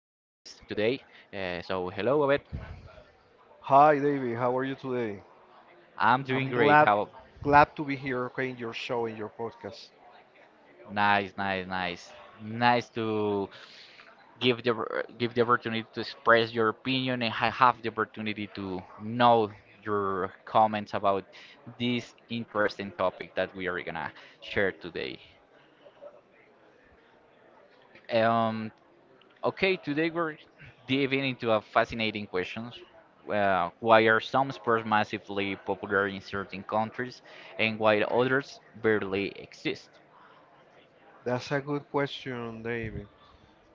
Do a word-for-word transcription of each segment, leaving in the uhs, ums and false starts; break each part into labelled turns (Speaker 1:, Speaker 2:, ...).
Speaker 1: today. Uh, so hello, Obed.
Speaker 2: Hi, David. How are you today?
Speaker 1: I'm doing
Speaker 2: I'm
Speaker 1: great.
Speaker 2: glad
Speaker 1: How
Speaker 2: glad to be here, okay, in your show, in your podcast.
Speaker 1: nice, nice, nice, nice to give the give the opportunity to express your opinion and ha- have the opportunity to know your comments about this interesting topic that we are gonna share today. Um, Okay, today we're diving into a fascinating question. Uh, why are some sports massively popular in certain countries and why others barely exist?
Speaker 2: That's a good question, David.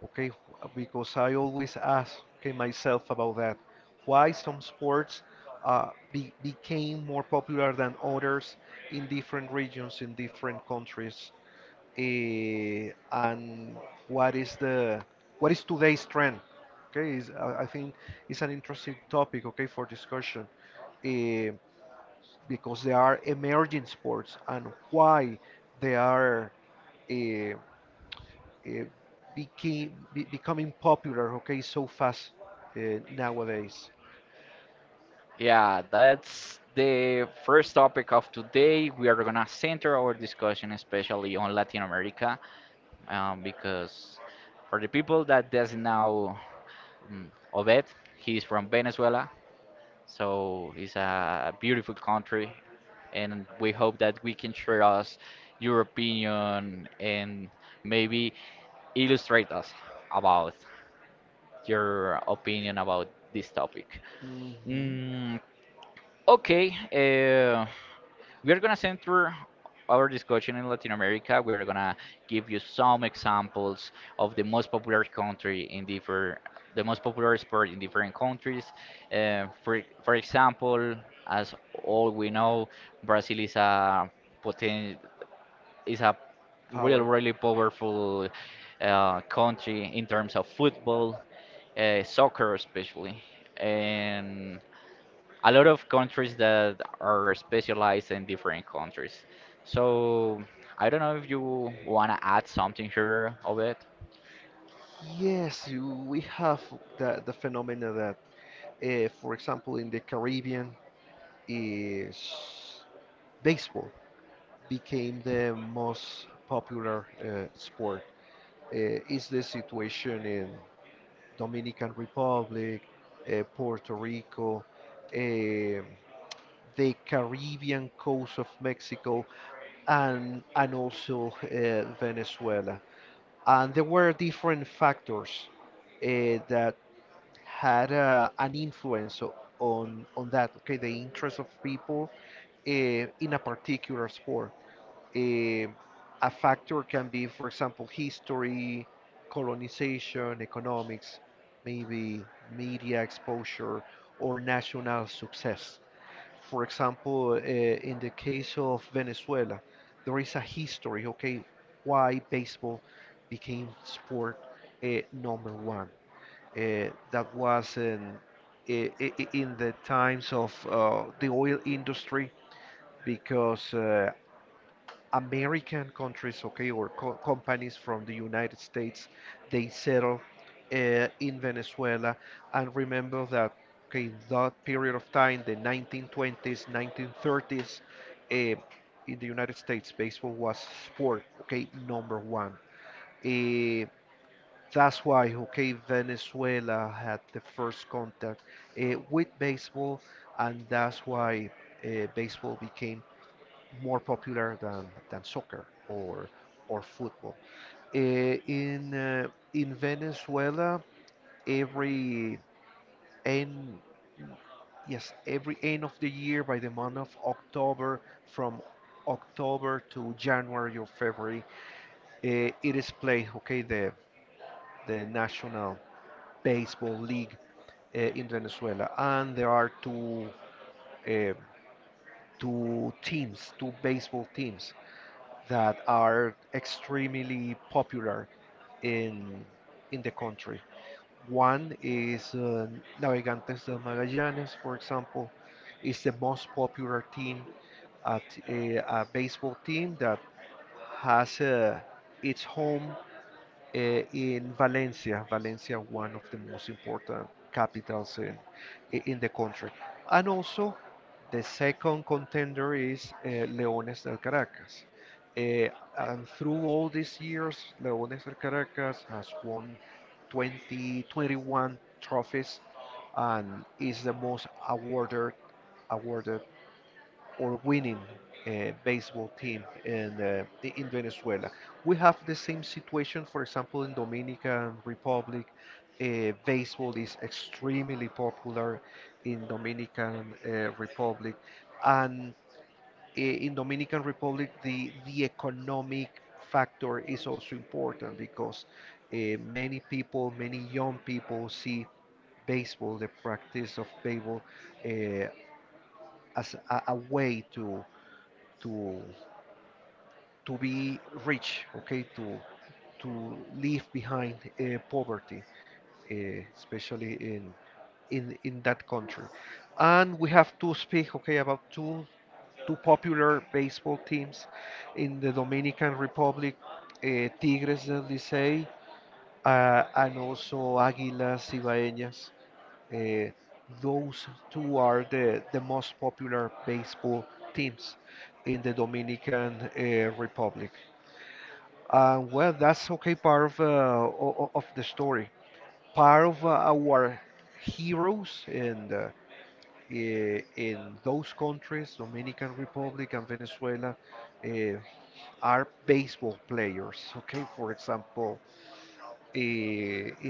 Speaker 2: Okay, wh- because I always ask, okay, myself about that. Why some sports uh, be, became more popular than others in different regions, in different countries, eh, and what is the what is today's trend? Okay, is, I I think it's an interesting topic, okay, for discussion. Eh, because they are emerging sports and why they are uh, uh, became, be, becoming popular, okay, so fast, uh, nowadays.
Speaker 1: Yeah, that's the first topic of today. We are gonna center our discussion especially on Latin America, um, because for the people that doesn't know um, Obed, he's from Venezuela, so it's a beautiful country and we hope that we can share us your opinion and maybe illustrate us about your opinion about this topic.
Speaker 2: Hmm.
Speaker 1: Mm, okay, uh, we're gonna center our discussion in Latin America. We're gonna give you some examples of the most popular country in different the most popular sport in different countries. Uh, for for example, as all we know, Brazil is a poten is a really,
Speaker 2: Power.
Speaker 1: really powerful uh, country in terms of football, uh, soccer especially, and a lot of countries that are specialized in different countries. So I don't know if you wanna add something here of it.
Speaker 2: Yes, you- we have the, the phenomena that, uh, for example, in the Caribbean is baseball, became the most popular uh, sport. Uh, is the situation in Dominican Republic, uh, Puerto Rico, um the Caribbean coast of Mexico, and and also, uh, Venezuela. And there were different factors uh, that had, uh, an influence o- on on that. Okay, the interest of people, uh, in a particular sport, eh, a factor can be, for example, history, colonization, economics, maybe media exposure, or national success. For example, uh, in the case of Venezuela, there is a history, okay, why baseball became sport, uh, number one. Uh, that was in, eh, I- I- in the times of uh, the oil industry, because uh, American countries, okay, or co companies from the United States, they settle uh, in Venezuela. And remember that, okay, that period of time, the nineteen twenties, nineteen thirties, uh, in the United States, baseball was sport, okay, number one. Uh, that's why, okay, Venezuela had the first contact uh, with baseball, and that's why uh, baseball became more popular than, than soccer or or football. Eh, in uh, in Venezuela, every end yes, every end of the year, by the month of October, from October to January or February, eh, it is played, okay, the the National Baseball League, uh, in Venezuela, and there are two. eh, Two teams, two baseball teams, that are extremely popular in in the country. One is, uh, Navegantes del Magallanes, for example, is the most popular team, at a, a baseball team that has, uh, its home, eh, in Valencia. Valencia, one of the most important capitals in, in the country. And also, the second contender is, uh, Leones del Caracas. Eh, and through all these years, Leones del Caracas has won twenty twenty one trophies and is the most awarded awarded or winning uh, baseball team in, uh, i- in Venezuela. We have the same situation, for example, in Dominican Republic. Uh, baseball is extremely popular in Dominican, uh, Republic, and, uh, in Dominican Republic, the the economic factor is also important because uh, many people, many young people see baseball, the practice of baseball, uh, as a, a way to to to be rich, okay, to to leave behind uh, poverty, uh, especially in in in that country. And we have to speak, okay, about two two popular baseball teams in the Dominican Republic: uh, Tigres del Licey, uh, and also Águilas Ibaeñas. Uh, those two are the, the most popular baseball teams in the Dominican, uh, Republic. Uh, well, that's okay. Part of uh, o- o- of the story, part of uh, our heroes in the, i- in those countries, Dominican Republic and Venezuela, uh, are baseball players. Okay, for example, uh,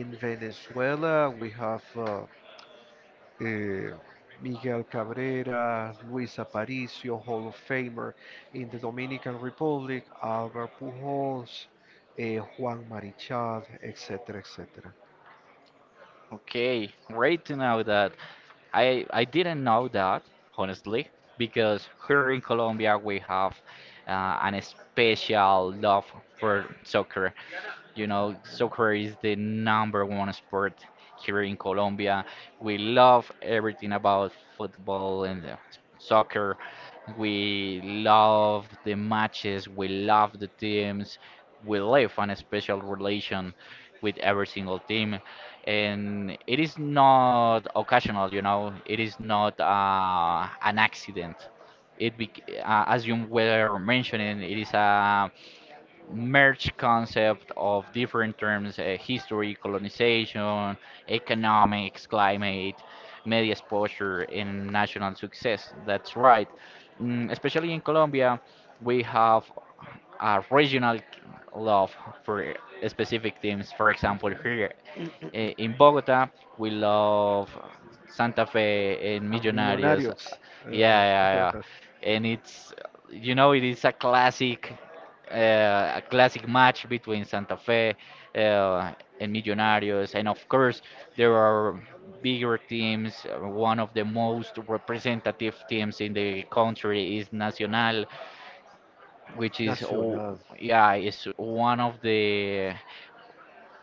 Speaker 2: in Venezuela we have uh, eh, Miguel Cabrera, Luis Aparicio, Hall of Famer. In the Dominican Republic, Albert Pujols, eh, Juan Marichal, etcétera, etcétera.
Speaker 1: Okay, great to know that. I I didn't know that, honestly, because here in Colombia we have uh, an special love for soccer. You know, soccer is the number one sport here in Colombia. We love everything about football and uh, soccer. We love the matches, we love the teams. We live on a special relation with every single team. And it is not occasional, you know, it is not uh, an accident. It bec- uh, as you were mentioning, it is a merge concept of different terms: uh, history, colonization, economics, climate, media exposure and national success. That's right. Mm, especially in Colombia, we have a regional love for specific teams. For example,
Speaker 2: Ujú.
Speaker 1: here, eh, in Bogota, we love Santa Fe and
Speaker 2: A
Speaker 1: Millonarios.
Speaker 2: Millonarios.
Speaker 1: Yeah, yeah,
Speaker 2: Ujú.
Speaker 1: yeah. And it's, you know, it is a classic, uh, a classic match between Santa Fe uh, and Millonarios. And of course, there are bigger teams. uh, One of the most representative teams in the country is Nacional, which is, oh
Speaker 2: Nacional.
Speaker 1: yeah, is one of the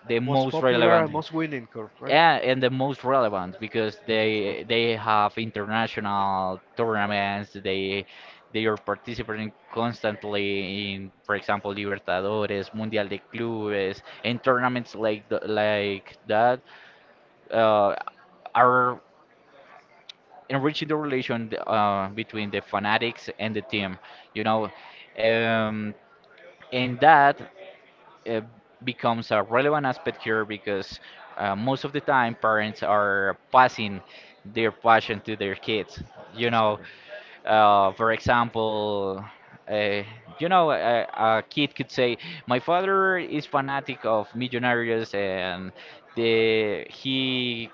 Speaker 1: the
Speaker 2: Most
Speaker 1: most
Speaker 2: popular
Speaker 1: relevant.
Speaker 2: and most winning, correct? Right?
Speaker 1: Yeah, and the most relevant because
Speaker 2: The most
Speaker 1: they
Speaker 2: popular.
Speaker 1: they have international tournaments. they they are participating constantly in, for example, Libertadores, Mundial de Clubes and tournaments like th- like that uh, are enriching the relation uh, between the fanatics and the team, you know. Um, and that uh, becomes a relevant aspect here because uh, most of the time parents are passing their passion to their kids. You
Speaker 2: That's
Speaker 1: know,
Speaker 2: correct.
Speaker 1: uh, for example, uh, you know, a, a kid could say, "My father is fanatic of Millonarios and the he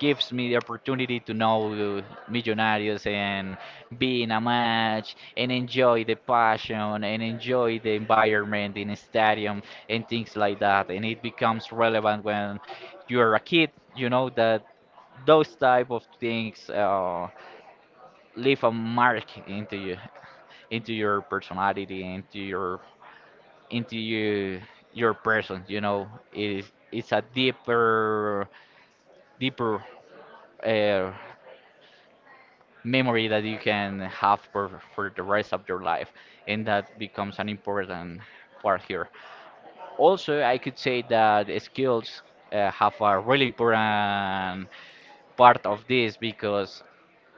Speaker 1: gives me the opportunity to know Millonarios and be in a match and enjoy the passion and enjoy the environment in a stadium and things like that." And it becomes relevant when you're a kid, you know, that those type of things uh, leave a mark into you, into your personality, into your, into you, your person. You know, it is, it's a deeper, deeper uh, memory that you can have for, for the rest of your life, and that becomes an important part here. Also, I could say that skills uh, have a really important part of this because,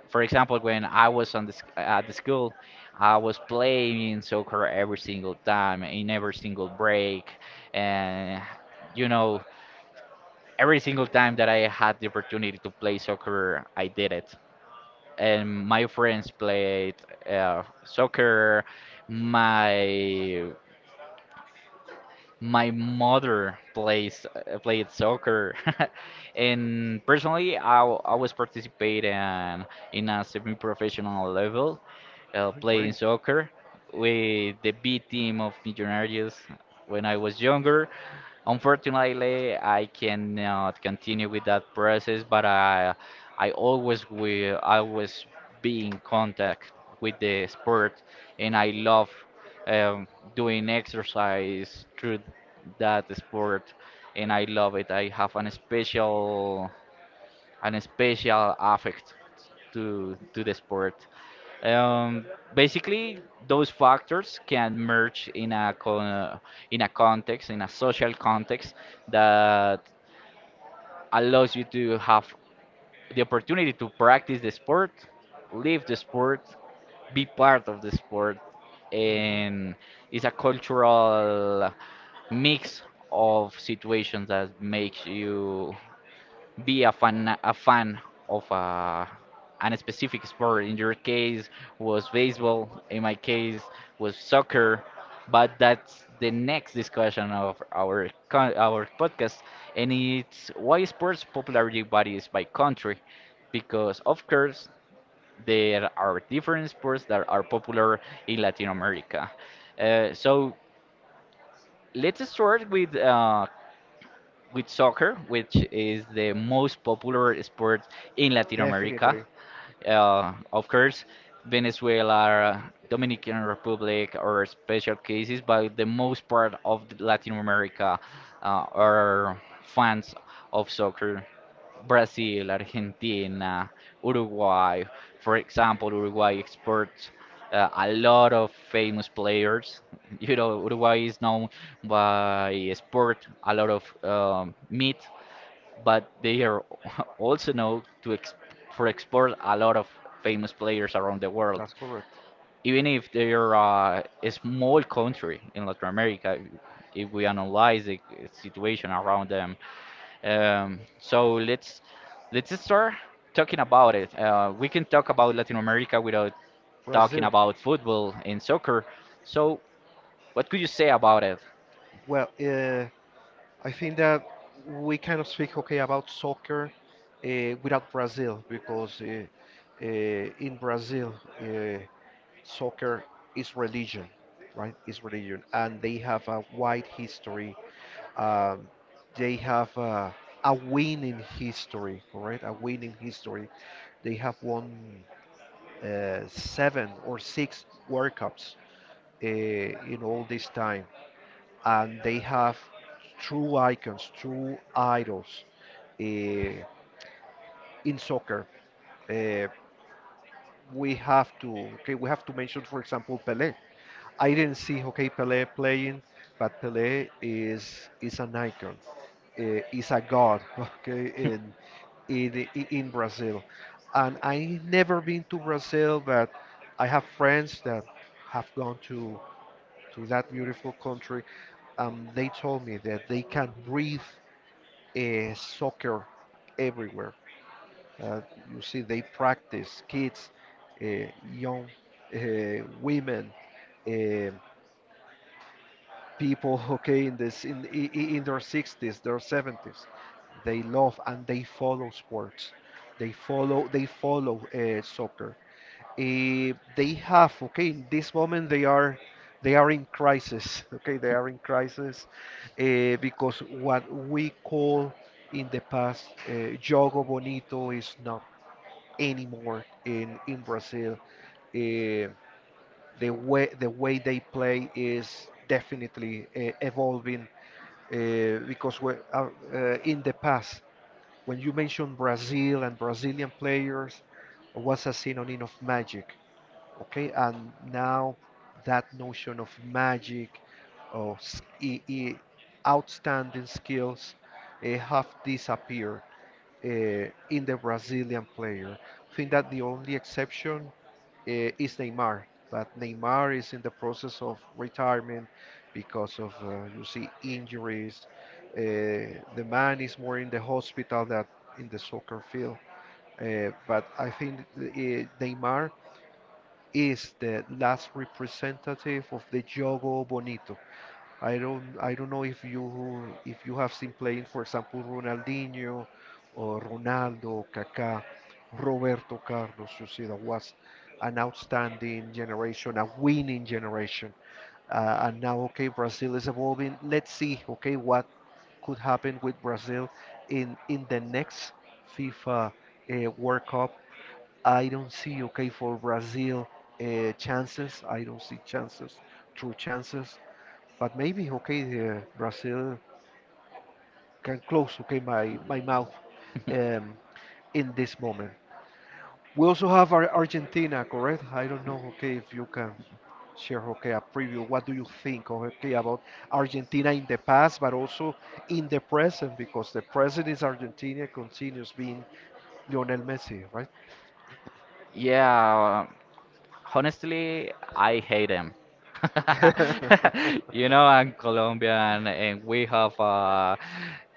Speaker 1: for example, when I was on the, sc- at the school, I was playing soccer every single time in every single break. And, you know, every single time that I had the opportunity to play soccer I did it, and my friends played uh, soccer. My my mother plays uh, played soccer, and personally, I I w- I was participating in a semi-professional level, uh, playing
Speaker 2: Doing
Speaker 1: soccer with the B team of Millonarios when I was younger.
Speaker 2: great.
Speaker 1: Unfortunately, I cannot continue with that process, but I I always will always be in contact with the sport, and I love, um, doing exercise through that sport, and I love it. I have an special an special affect to to the sport. Um, Basically, those factors can merge in a con- uh, in a context, in a social context that allows you to have the opportunity to practice the sport, live the sport, be part of the sport,
Speaker 2: Hmm.
Speaker 1: and it's a cultural mix of situations that makes you be a fan a fan of a an specific sport. In your case was baseball, in my case was soccer, but that's the next discussion of our con our podcast, and it's why sports popularity varies by country, because of course there are different sports that are popular in Latin America. Uh, so let's start with uh, with soccer, which is the most popular sport in Latin America.
Speaker 2: Definitely.
Speaker 1: Uh, of course, Venezuela, Dominican Republic are special cases, but the most part of the Latin America uh, are fans of soccer. Brazil, Argentina, Uruguay. For example, Uruguay exports uh, a lot of famous players. You know, Uruguay is known by export a lot of um, meat, but they are also known to ex- for export a lot of famous players around the world.
Speaker 2: That's correct.
Speaker 1: Even if they are uh, a small country in Latin America, if we analyze the situation around them, um, so let's let's start talking about it. Uh, we can talk about Latin America without talking
Speaker 2: Brazil.
Speaker 1: about football and soccer. So, what could you say about it?
Speaker 2: Well, uh, I think that we cannot speak, okay, about soccer, uh, without Brazil because uh, uh, in Brazil, uh, soccer is religion, right? Is religion, and they have a wide history. Um, they have, uh, a winning history, correct? A winning history. They have won, uh, seven or six World Cups, uh, in all this time, and they have true icons, true idols, uh, in soccer. Uh, we have to Okay, we have to mention, for example, Pelé. I didn't see, okay, Pelé playing, but Pelé is is an icon, uh, is a god, okay, in in, i- in Brazil. And I never been to Brazil, but I have friends that have gone to, to that beautiful country. Um, they told me that they can breathe, uh, soccer everywhere. Uh, you see, they practice kids, uh, young, uh, women, uh, people, okay, in this in I- I- in their sixties, their seventies. They love and they follow sports. They follow they follow, uh, soccer. Eh, they have, okay, in this moment they are they are in crisis, okay, they are in crisis, eh, because what we call in the past, uh, jogo bonito, is not anymore in in Brazil. Eh, the way the way they play is definitely, uh, evolving, uh, because we- uh, uh, in the past, when you mentioned Brazil and Brazilian players, was a synonym of magic, okay? And now that notion of magic, of s- i- i- outstanding skills, uh, have disappeared, uh, in the Brazilian player. I think that the only exception, uh, is Neymar, but Neymar is in the process of retirement because of, uh, you see, injuries. Uh, the man is more in the hospital than in the soccer field. Uh, but I think, uh, Neymar is the last representative of the Jogo Bonito. I don't I don't know if you if you have seen playing, for example, Ronaldinho or Ronaldo, Kaká, Roberto Carlos. You see, that was an outstanding generation, a winning generation. Uh, and now, okay, Brazil is evolving. Let's see, okay, what could happen with Brazil in in the next FIFA, uh, World Cup. I don't see, okay, for Brazil, uh, chances. I don't see chances, true chances. But maybe, okay, uh, Brazil can close, okay, my, my mouth, um, in this moment. We also have our Argentina, correct? I don't know, okay, if you can share, okay, a preview. What do you think, okay, about Argentina in the past, but also in the present, because the present is Argentina continues being Lionel Messi, right?
Speaker 1: Yeah, um, honestly, I hate them. You know, I'm Colombian and we have uh,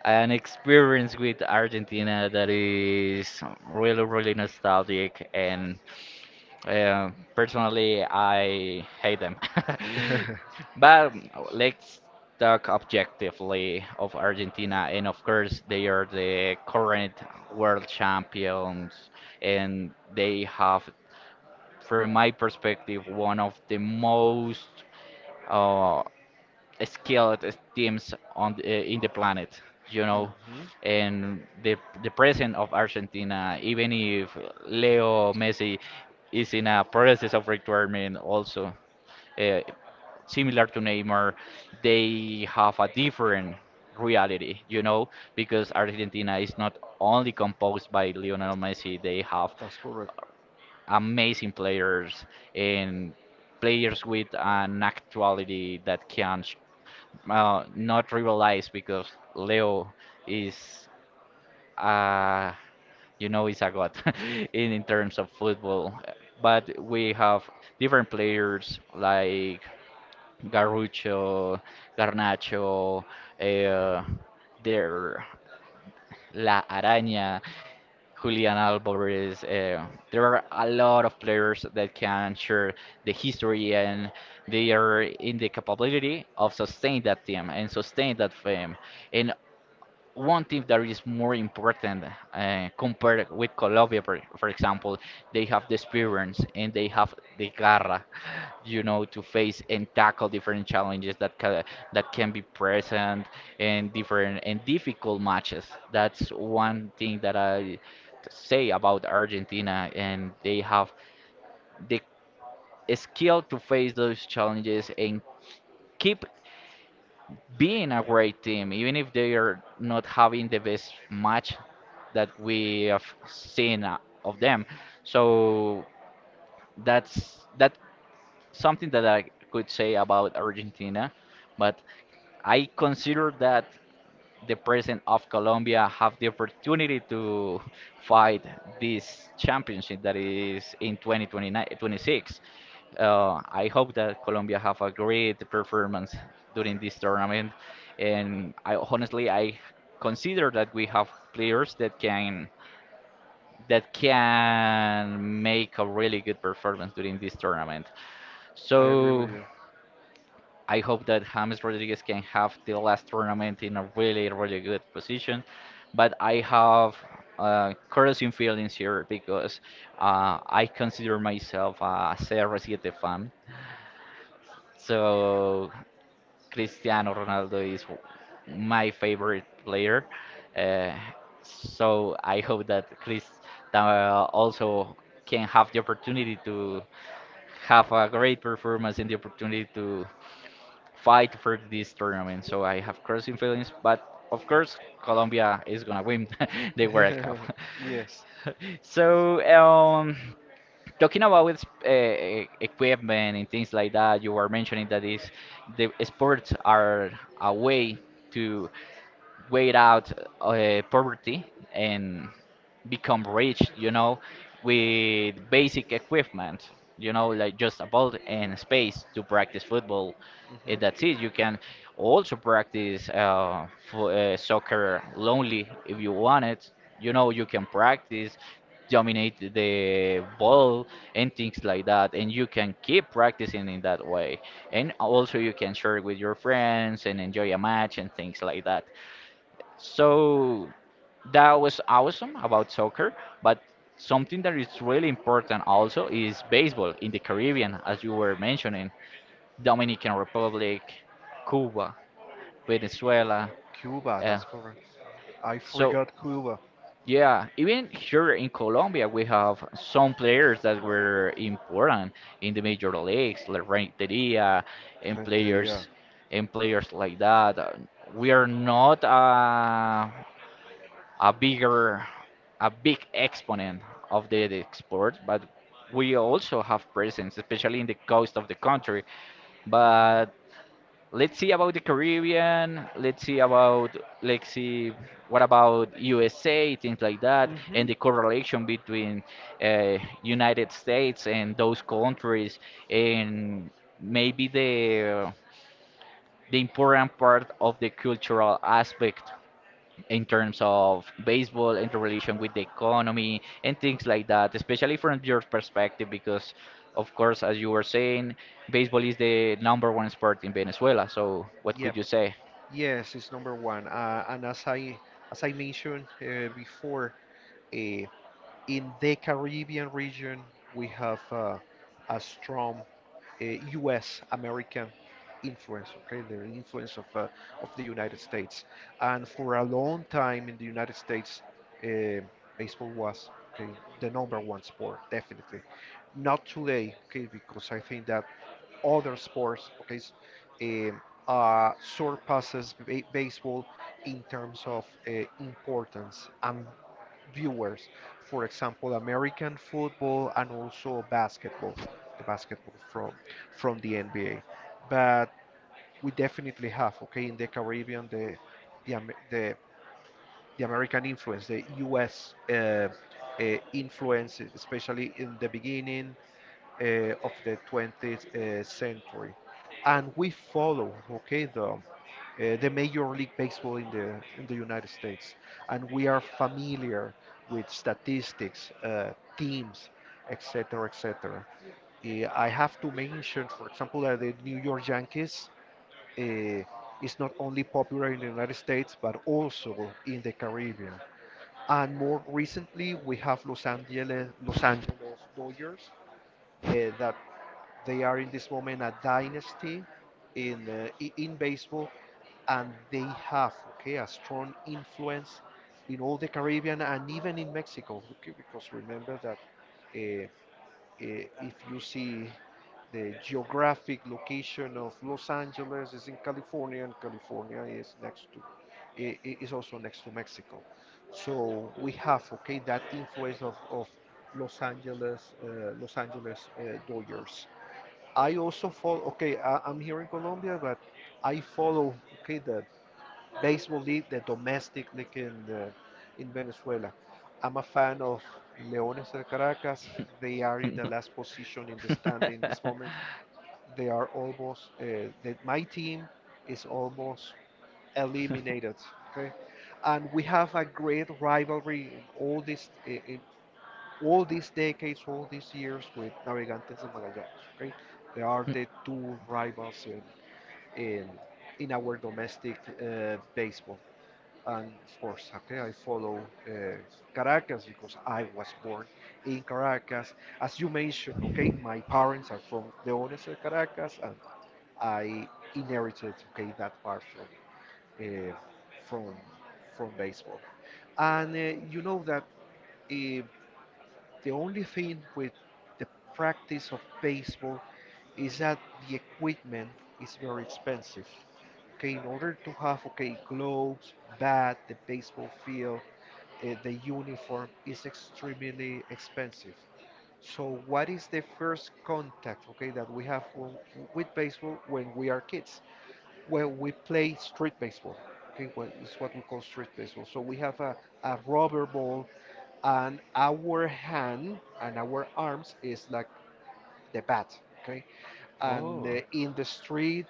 Speaker 1: an experience with Argentina that is really, really nostalgic. And uh, personally, I hate them. But let's talk objectively of Argentina. And of course, they are the current world champions, and they have, from my perspective, one of the most uh, skilled teams on the, eh, in the planet, you know.
Speaker 2: Mhm.
Speaker 1: And the the president of Argentina, even if Leo Messi is in a process of retirement, also uh, similar to Neymar, they have a different reality, you know, because Argentina is not only composed by Lionel Messi, they have
Speaker 2: That's correct.
Speaker 1: amazing players and players with an actuality that can sh- uh, not rivalize because Leo is, uh, you know, is a god in, in terms of football. But we have different players like Garrucho, Garnacho, uh, their La Araña. Julian Alvarez. Uh, there are a lot of players that can share the history and they are in the capability of sustain that team and sustain that fame. And one thing that is more important uh, compared with Colombia, for, for example, they have the experience and they have the garra, you know, to face and tackle different challenges that ca that can be present and different and difficult matches. That's one thing that I say about Argentina, and they have the skill to face those challenges and keep being a great team, even if they are not having the best match that we have seen uh, of them. So that's that's something that I could say about Argentina. But I consider that the president of Colombia have the opportunity to fight this championship that is in twenty twenty-nine twenty-six. Uh, I hope that Colombia have a great performance during this tournament, and I honestly I consider that we have players that can that can make a really good performance during this tournament.
Speaker 2: I agree with
Speaker 1: So I hope that James Rodriguez can have the last tournament in a really, really good position. But I have uh, crossing feelings here because uh, I consider myself a C R seven fan. So Cristiano Ronaldo is my favorite player. Uh, so I hope that Chris uh, also can have the opportunity to have a great performance and the opportunity to fight for this tournament. So I have crossing feelings, but of course Colombia is gonna win the World Cup.
Speaker 2: you. Yes.
Speaker 1: So um, talking about with uh, e-, equipment and things like that, you were mentioning that is the sports are a way to wait out uh, poverty and become rich, you know, with basic equipment, you know, like just a ball and space to practice football. Eh, that's it. You can also practice uh, fo- uh, soccer lonely if you want it. You know, you can practice, dominate the ball and things like that, and you can keep practicing in that way. And also, you can share with your friends and enjoy a match and things like that. So that was awesome about soccer, but something that is really important also is baseball in the Caribbean, as you were mentioning, Dominican Republic, Cuba, Venezuela.
Speaker 2: Cuba,
Speaker 1: Uh,
Speaker 2: that's correct. I
Speaker 1: so
Speaker 2: forgot Cuba.
Speaker 1: yeah, even here in Colombia, we have some players that were important in the major leagues, like Renteria, and
Speaker 2: Renteria.
Speaker 1: players and players like that. Uh, We are not. Uh, a bigger, a big exponent of the, the export, but we also have presence, especially in the coast of the country.
Speaker 2: Mhm.
Speaker 1: But let's see about the Caribbean. Let's see about let's see What about U S A, things like that, and the
Speaker 2: Mm-hmm.
Speaker 1: correlation between uh, United States and those countries, and maybe the the important part of the cultural aspect in terms of baseball interrelation with the economy and things like that, especially from your perspective, because of course, as you were saying, baseball is the number one sport in Venezuela. So, what
Speaker 2: Yep.
Speaker 1: could you say?
Speaker 2: Yes, it's number one. Uh, and as I as I mentioned, uh, before, uh, in the Caribbean region, we have, uh, a strong U S. American influence, okay, the influence of uh, of the United States. And for a long time in the United States, uh, baseball was, okay, the number one sport, definitely. Not today, okay, because I think that other sports, okay, s- um, uh, surpasses ba- baseball in terms of, uh, importance and viewers. For example, American football and also basketball, the basketball from from the N B A. But we definitely have, okay, in the Caribbean, the the Am- the, the American influence, the U S. Uh, uh, influence, especially in the beginning, uh, of the twentieth, uh, century, and we follow, okay, the uh, the Major League Baseball in the in the United States, and we are familiar with statistics, uh, teams, etcetera, etcetera. Uh, I have to mention, for example, that the New York Yankees, uh, is not only popular in the United States but also in the Caribbean. And more recently, we have Los Angeles Los Angeles Dodgers, uh, that they are in this moment a dynasty in uh, in baseball, and they have, okay, a strong influence in all the Caribbean and even in Mexico. Okay, because remember that, uh, uh, if you see the geographic location of Los Angeles is in California, and California is next to i- i- is also next to Mexico. So we have, okay, that influence of, of Los Angeles uh, Los Angeles, uh, Dodgers. I also follow. Okay, I, I'm here in Colombia, but I follow, okay, the baseball league, the domestic league in the, in Venezuela. I'm a fan of Leones del Caracas. They are in the last position in the standing this moment. They are almost. Uh, the, my team is almost eliminated. Okay, and we have a great rivalry in all this in, all these decades, all these years with Navegantes del Magallanes. Okay, they are the two rivals in in, in our domestic, uh, baseball. And of course, okay, I follow, uh, Caracas because I was born in Caracas. As you mentioned, okay, my parents are from the owners of Caracas, and I inherited, okay, that part from uh, from from baseball. And uh, you know that. uh, the only thing with the practice of baseball is that the equipment is very expensive. Okay, in order to have, okay, gloves, bat, the baseball field, uh, the uniform is extremely expensive. So what is the first contact, okay, that we have w- with baseball when we are kids? Well, we play street baseball. Okay, what is what we call street baseball. So we have a, a rubber ball, and our hand and our arms is like the bat, okay, and
Speaker 1: Oh.
Speaker 2: uh, in the street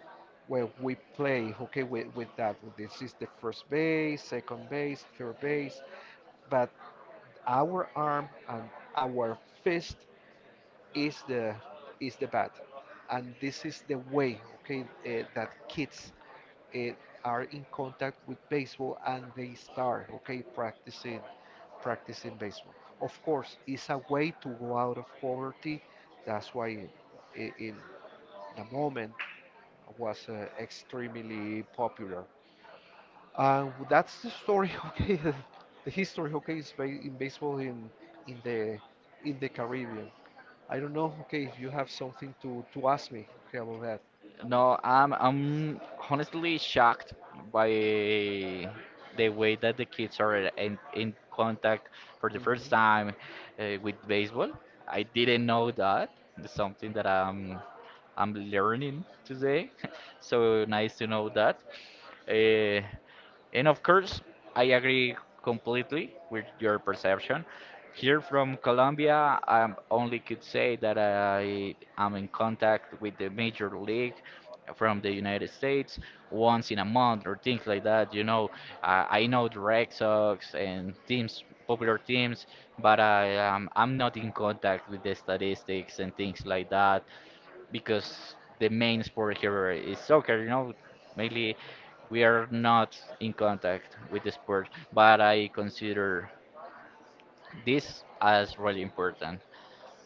Speaker 2: where we play, okay, with, with that. This is the first base, second base, third base, but our arm and our fist is the is the bat, and this is the way, okay, uh, that kids, eh, are in contact with baseball and they start, okay, practicing, practicing baseball. Of course, it's a way to go out of poverty. That's why, eh, in, in the moment was, uh, extremely popular. Uh, that's the story. Okay, the history. Okay, is ba- in baseball in in the in the Caribbean. I don't know. Okay, if you have something to to ask me, okay, about that.
Speaker 1: No, I'm I'm honestly shocked by the way that the kids are in, in contact for the first
Speaker 2: Mhm.
Speaker 1: time uh, with baseball. I didn't know that. It's something that I'm I'm learning today. So nice to know that. Uh, and of course, I agree completely with your perception. Here from Colombia, I only could say that I am in contact with the major league from the United States once in a month or things like that. You know, I, I know the Red Sox and teams, popular teams, but I um, I'm not in contact with the statistics and things like that because the main sport here is soccer. You know, mainly we are not in contact with the sport, but I consider. This is really important.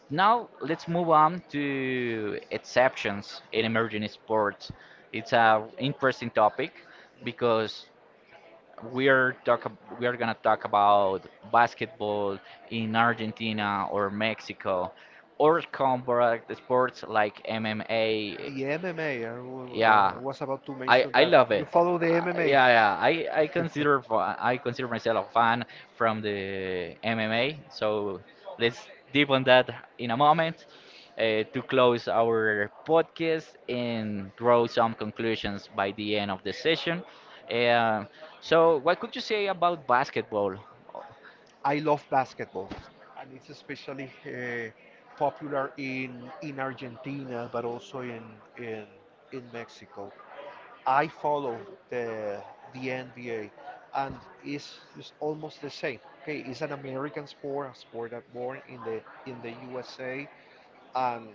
Speaker 1: Now let's move on to exceptions in emerging sports. It's an interesting topic because we are talk ab- we are gonna talk about basketball in Argentina or Mexico or combat sports like M M A.
Speaker 2: The M M A, I w- uh,
Speaker 1: Yeah,
Speaker 2: was about to
Speaker 1: I
Speaker 2: mention
Speaker 1: I
Speaker 2: that
Speaker 1: love
Speaker 2: you
Speaker 1: it.
Speaker 2: follow the
Speaker 1: Uh,
Speaker 2: M M A.
Speaker 1: yeah, yeah. I I consider fa- I consider myself a fan from the M M A. So let's deep on that in a moment uh, to close our podcast and draw some conclusions by the end of the session. Uh, so, what could you say about basketball? Oh,
Speaker 2: I love basketball, and it's especially, uh, popular in in Argentina, but also in in in Mexico. I follow the the N B A, and it's, it's almost the same. Okay, it's an American sport, a sport that born in the in the U S A, and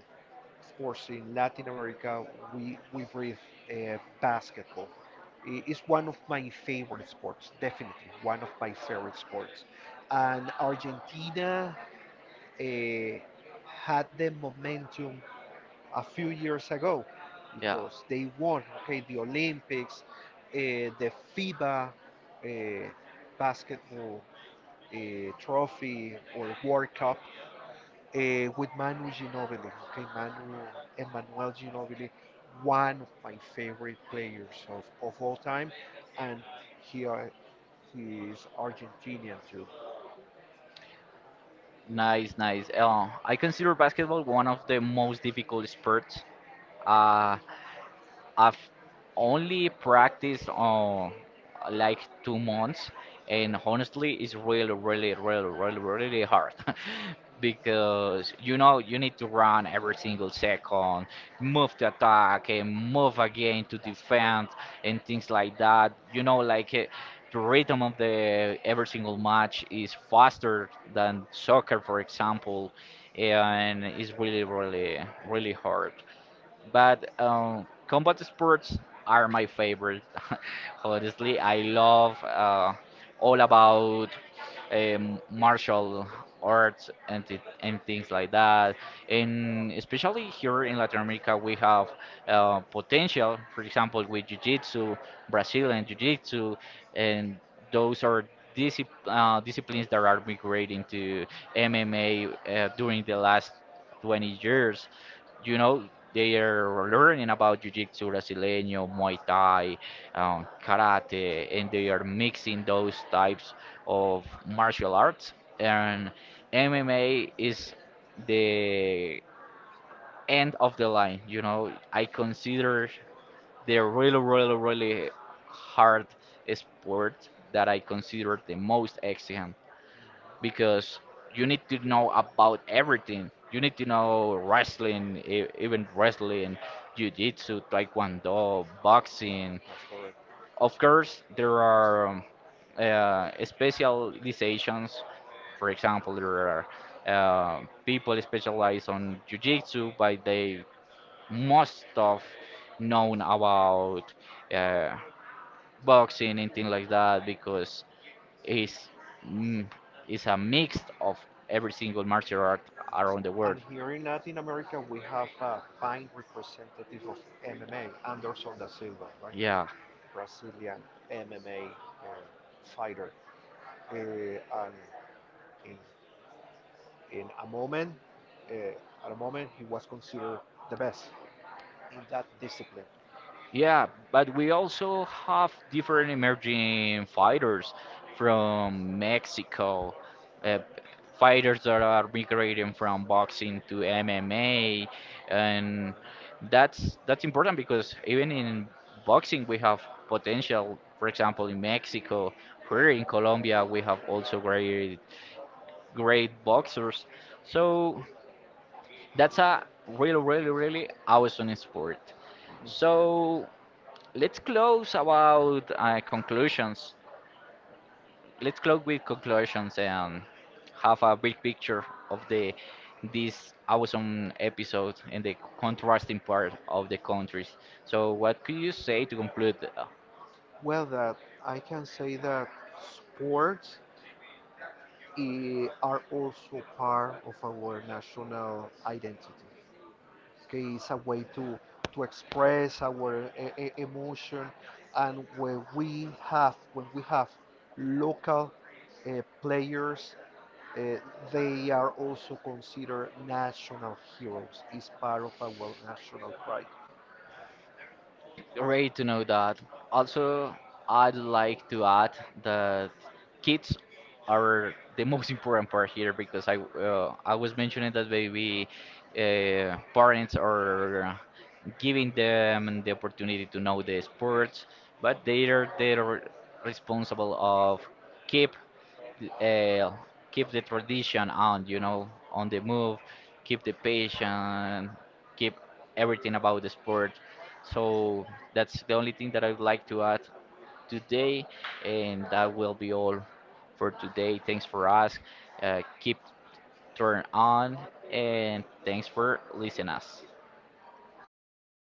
Speaker 2: sports in Latin America, we, we breathe, uh, basketball. It's one of my favorite sports, definitely one of my favorite sports. And Argentina, uh, had the momentum a few years ago
Speaker 1: yeah,
Speaker 2: because they won, okay, the Olympics, uh, the FIBA, uh, basketball, uh, trophy or World Cup, uh, with Manu Ginobili. Okay, Manu Emmanuel Ginobili, one of my favorite players of, of all time, and he are, he is Argentinian too.
Speaker 1: nice, nice. Uh, I consider basketball one of the most difficult sports. Uh, I've only practiced on like two months, and honestly, it's really, really, really, really, really hard because you know you need to run every single second, move to attack and move again to
Speaker 2: That's correct.
Speaker 1: defend and things like that. You know, like. eh, The rhythm of the every single match is faster than soccer, for example, and it's really, really, really hard but um, combat sports are my favorite. Honestly, I love uh, all about um, martial arts and th- and things like that. And especially here in Latin America, we have uh, potential. For example, with Jiu-Jitsu, Brazilian Jiu-Jitsu, and those are discipl uh, disciplines that are migrating to M M A uh, during the last twenty years, you know, they are learning about Jiu-Jitsu Brasileño, Muay Thai, um, Karate, and they are mixing those types of martial arts. And M M A is the end of the line. You know, I consider the really, really, really hard sport that I consider the most exigent
Speaker 2: Mhm.
Speaker 1: because you need to know about everything. You need to know wrestling, e- even wrestling, jiu-jitsu, taekwondo, boxing.
Speaker 2: That's correct.
Speaker 1: Of course, there are um, uh, specializations. For example, there are uh, people specialized on jiu-jitsu, but they must have known about uh, boxing and things like that because is mm, is a mix of every single martial art
Speaker 2: Yes.
Speaker 1: around the world.
Speaker 2: And here in Latin America, we have a fine representative of M M A, Anderson da Silva, right?
Speaker 1: Yeah,
Speaker 2: Brazilian M M A, uh, fighter. Uh, and in in a moment, uh, at a moment, he was considered the best in that discipline?
Speaker 1: yeah, but we also have different emerging fighters from Mexico, uh, fighters that are migrating from boxing to M M A, and
Speaker 2: Mm-hmm.
Speaker 1: that's that's important because even in boxing we have potential. For example, in Mexico, here in Colombia, we have also great great boxers. So that's a really, really, really awesome sport.
Speaker 2: Mm-hmm.
Speaker 1: So let's close about uh, conclusions. Let's close with conclusions and have a big picture of the this awesome episode and the contrasting part of the countries. So what could you say to conclude? Uh,
Speaker 2: Well, that I can say that sports, eh, are also part of our national identity. Okay, it's a way to to express our e- e- emotion, and when we have when we have local, uh, players, uh, they are also considered national heroes. It's part of our national pride.
Speaker 1: great to know that. Also, I'd like to add that kids are the most important part here because I uh, I was mentioning that maybe uh, parents are giving them the opportunity to know the sports, but they are they are responsible of keep uh, keep the tradition on, you know, on the move, keep the passion, keep everything about the sport. So that's the only thing that I would like to add today, and that will be all for today. Thanks for us. Uh, keep turn on, and thanks for listening us.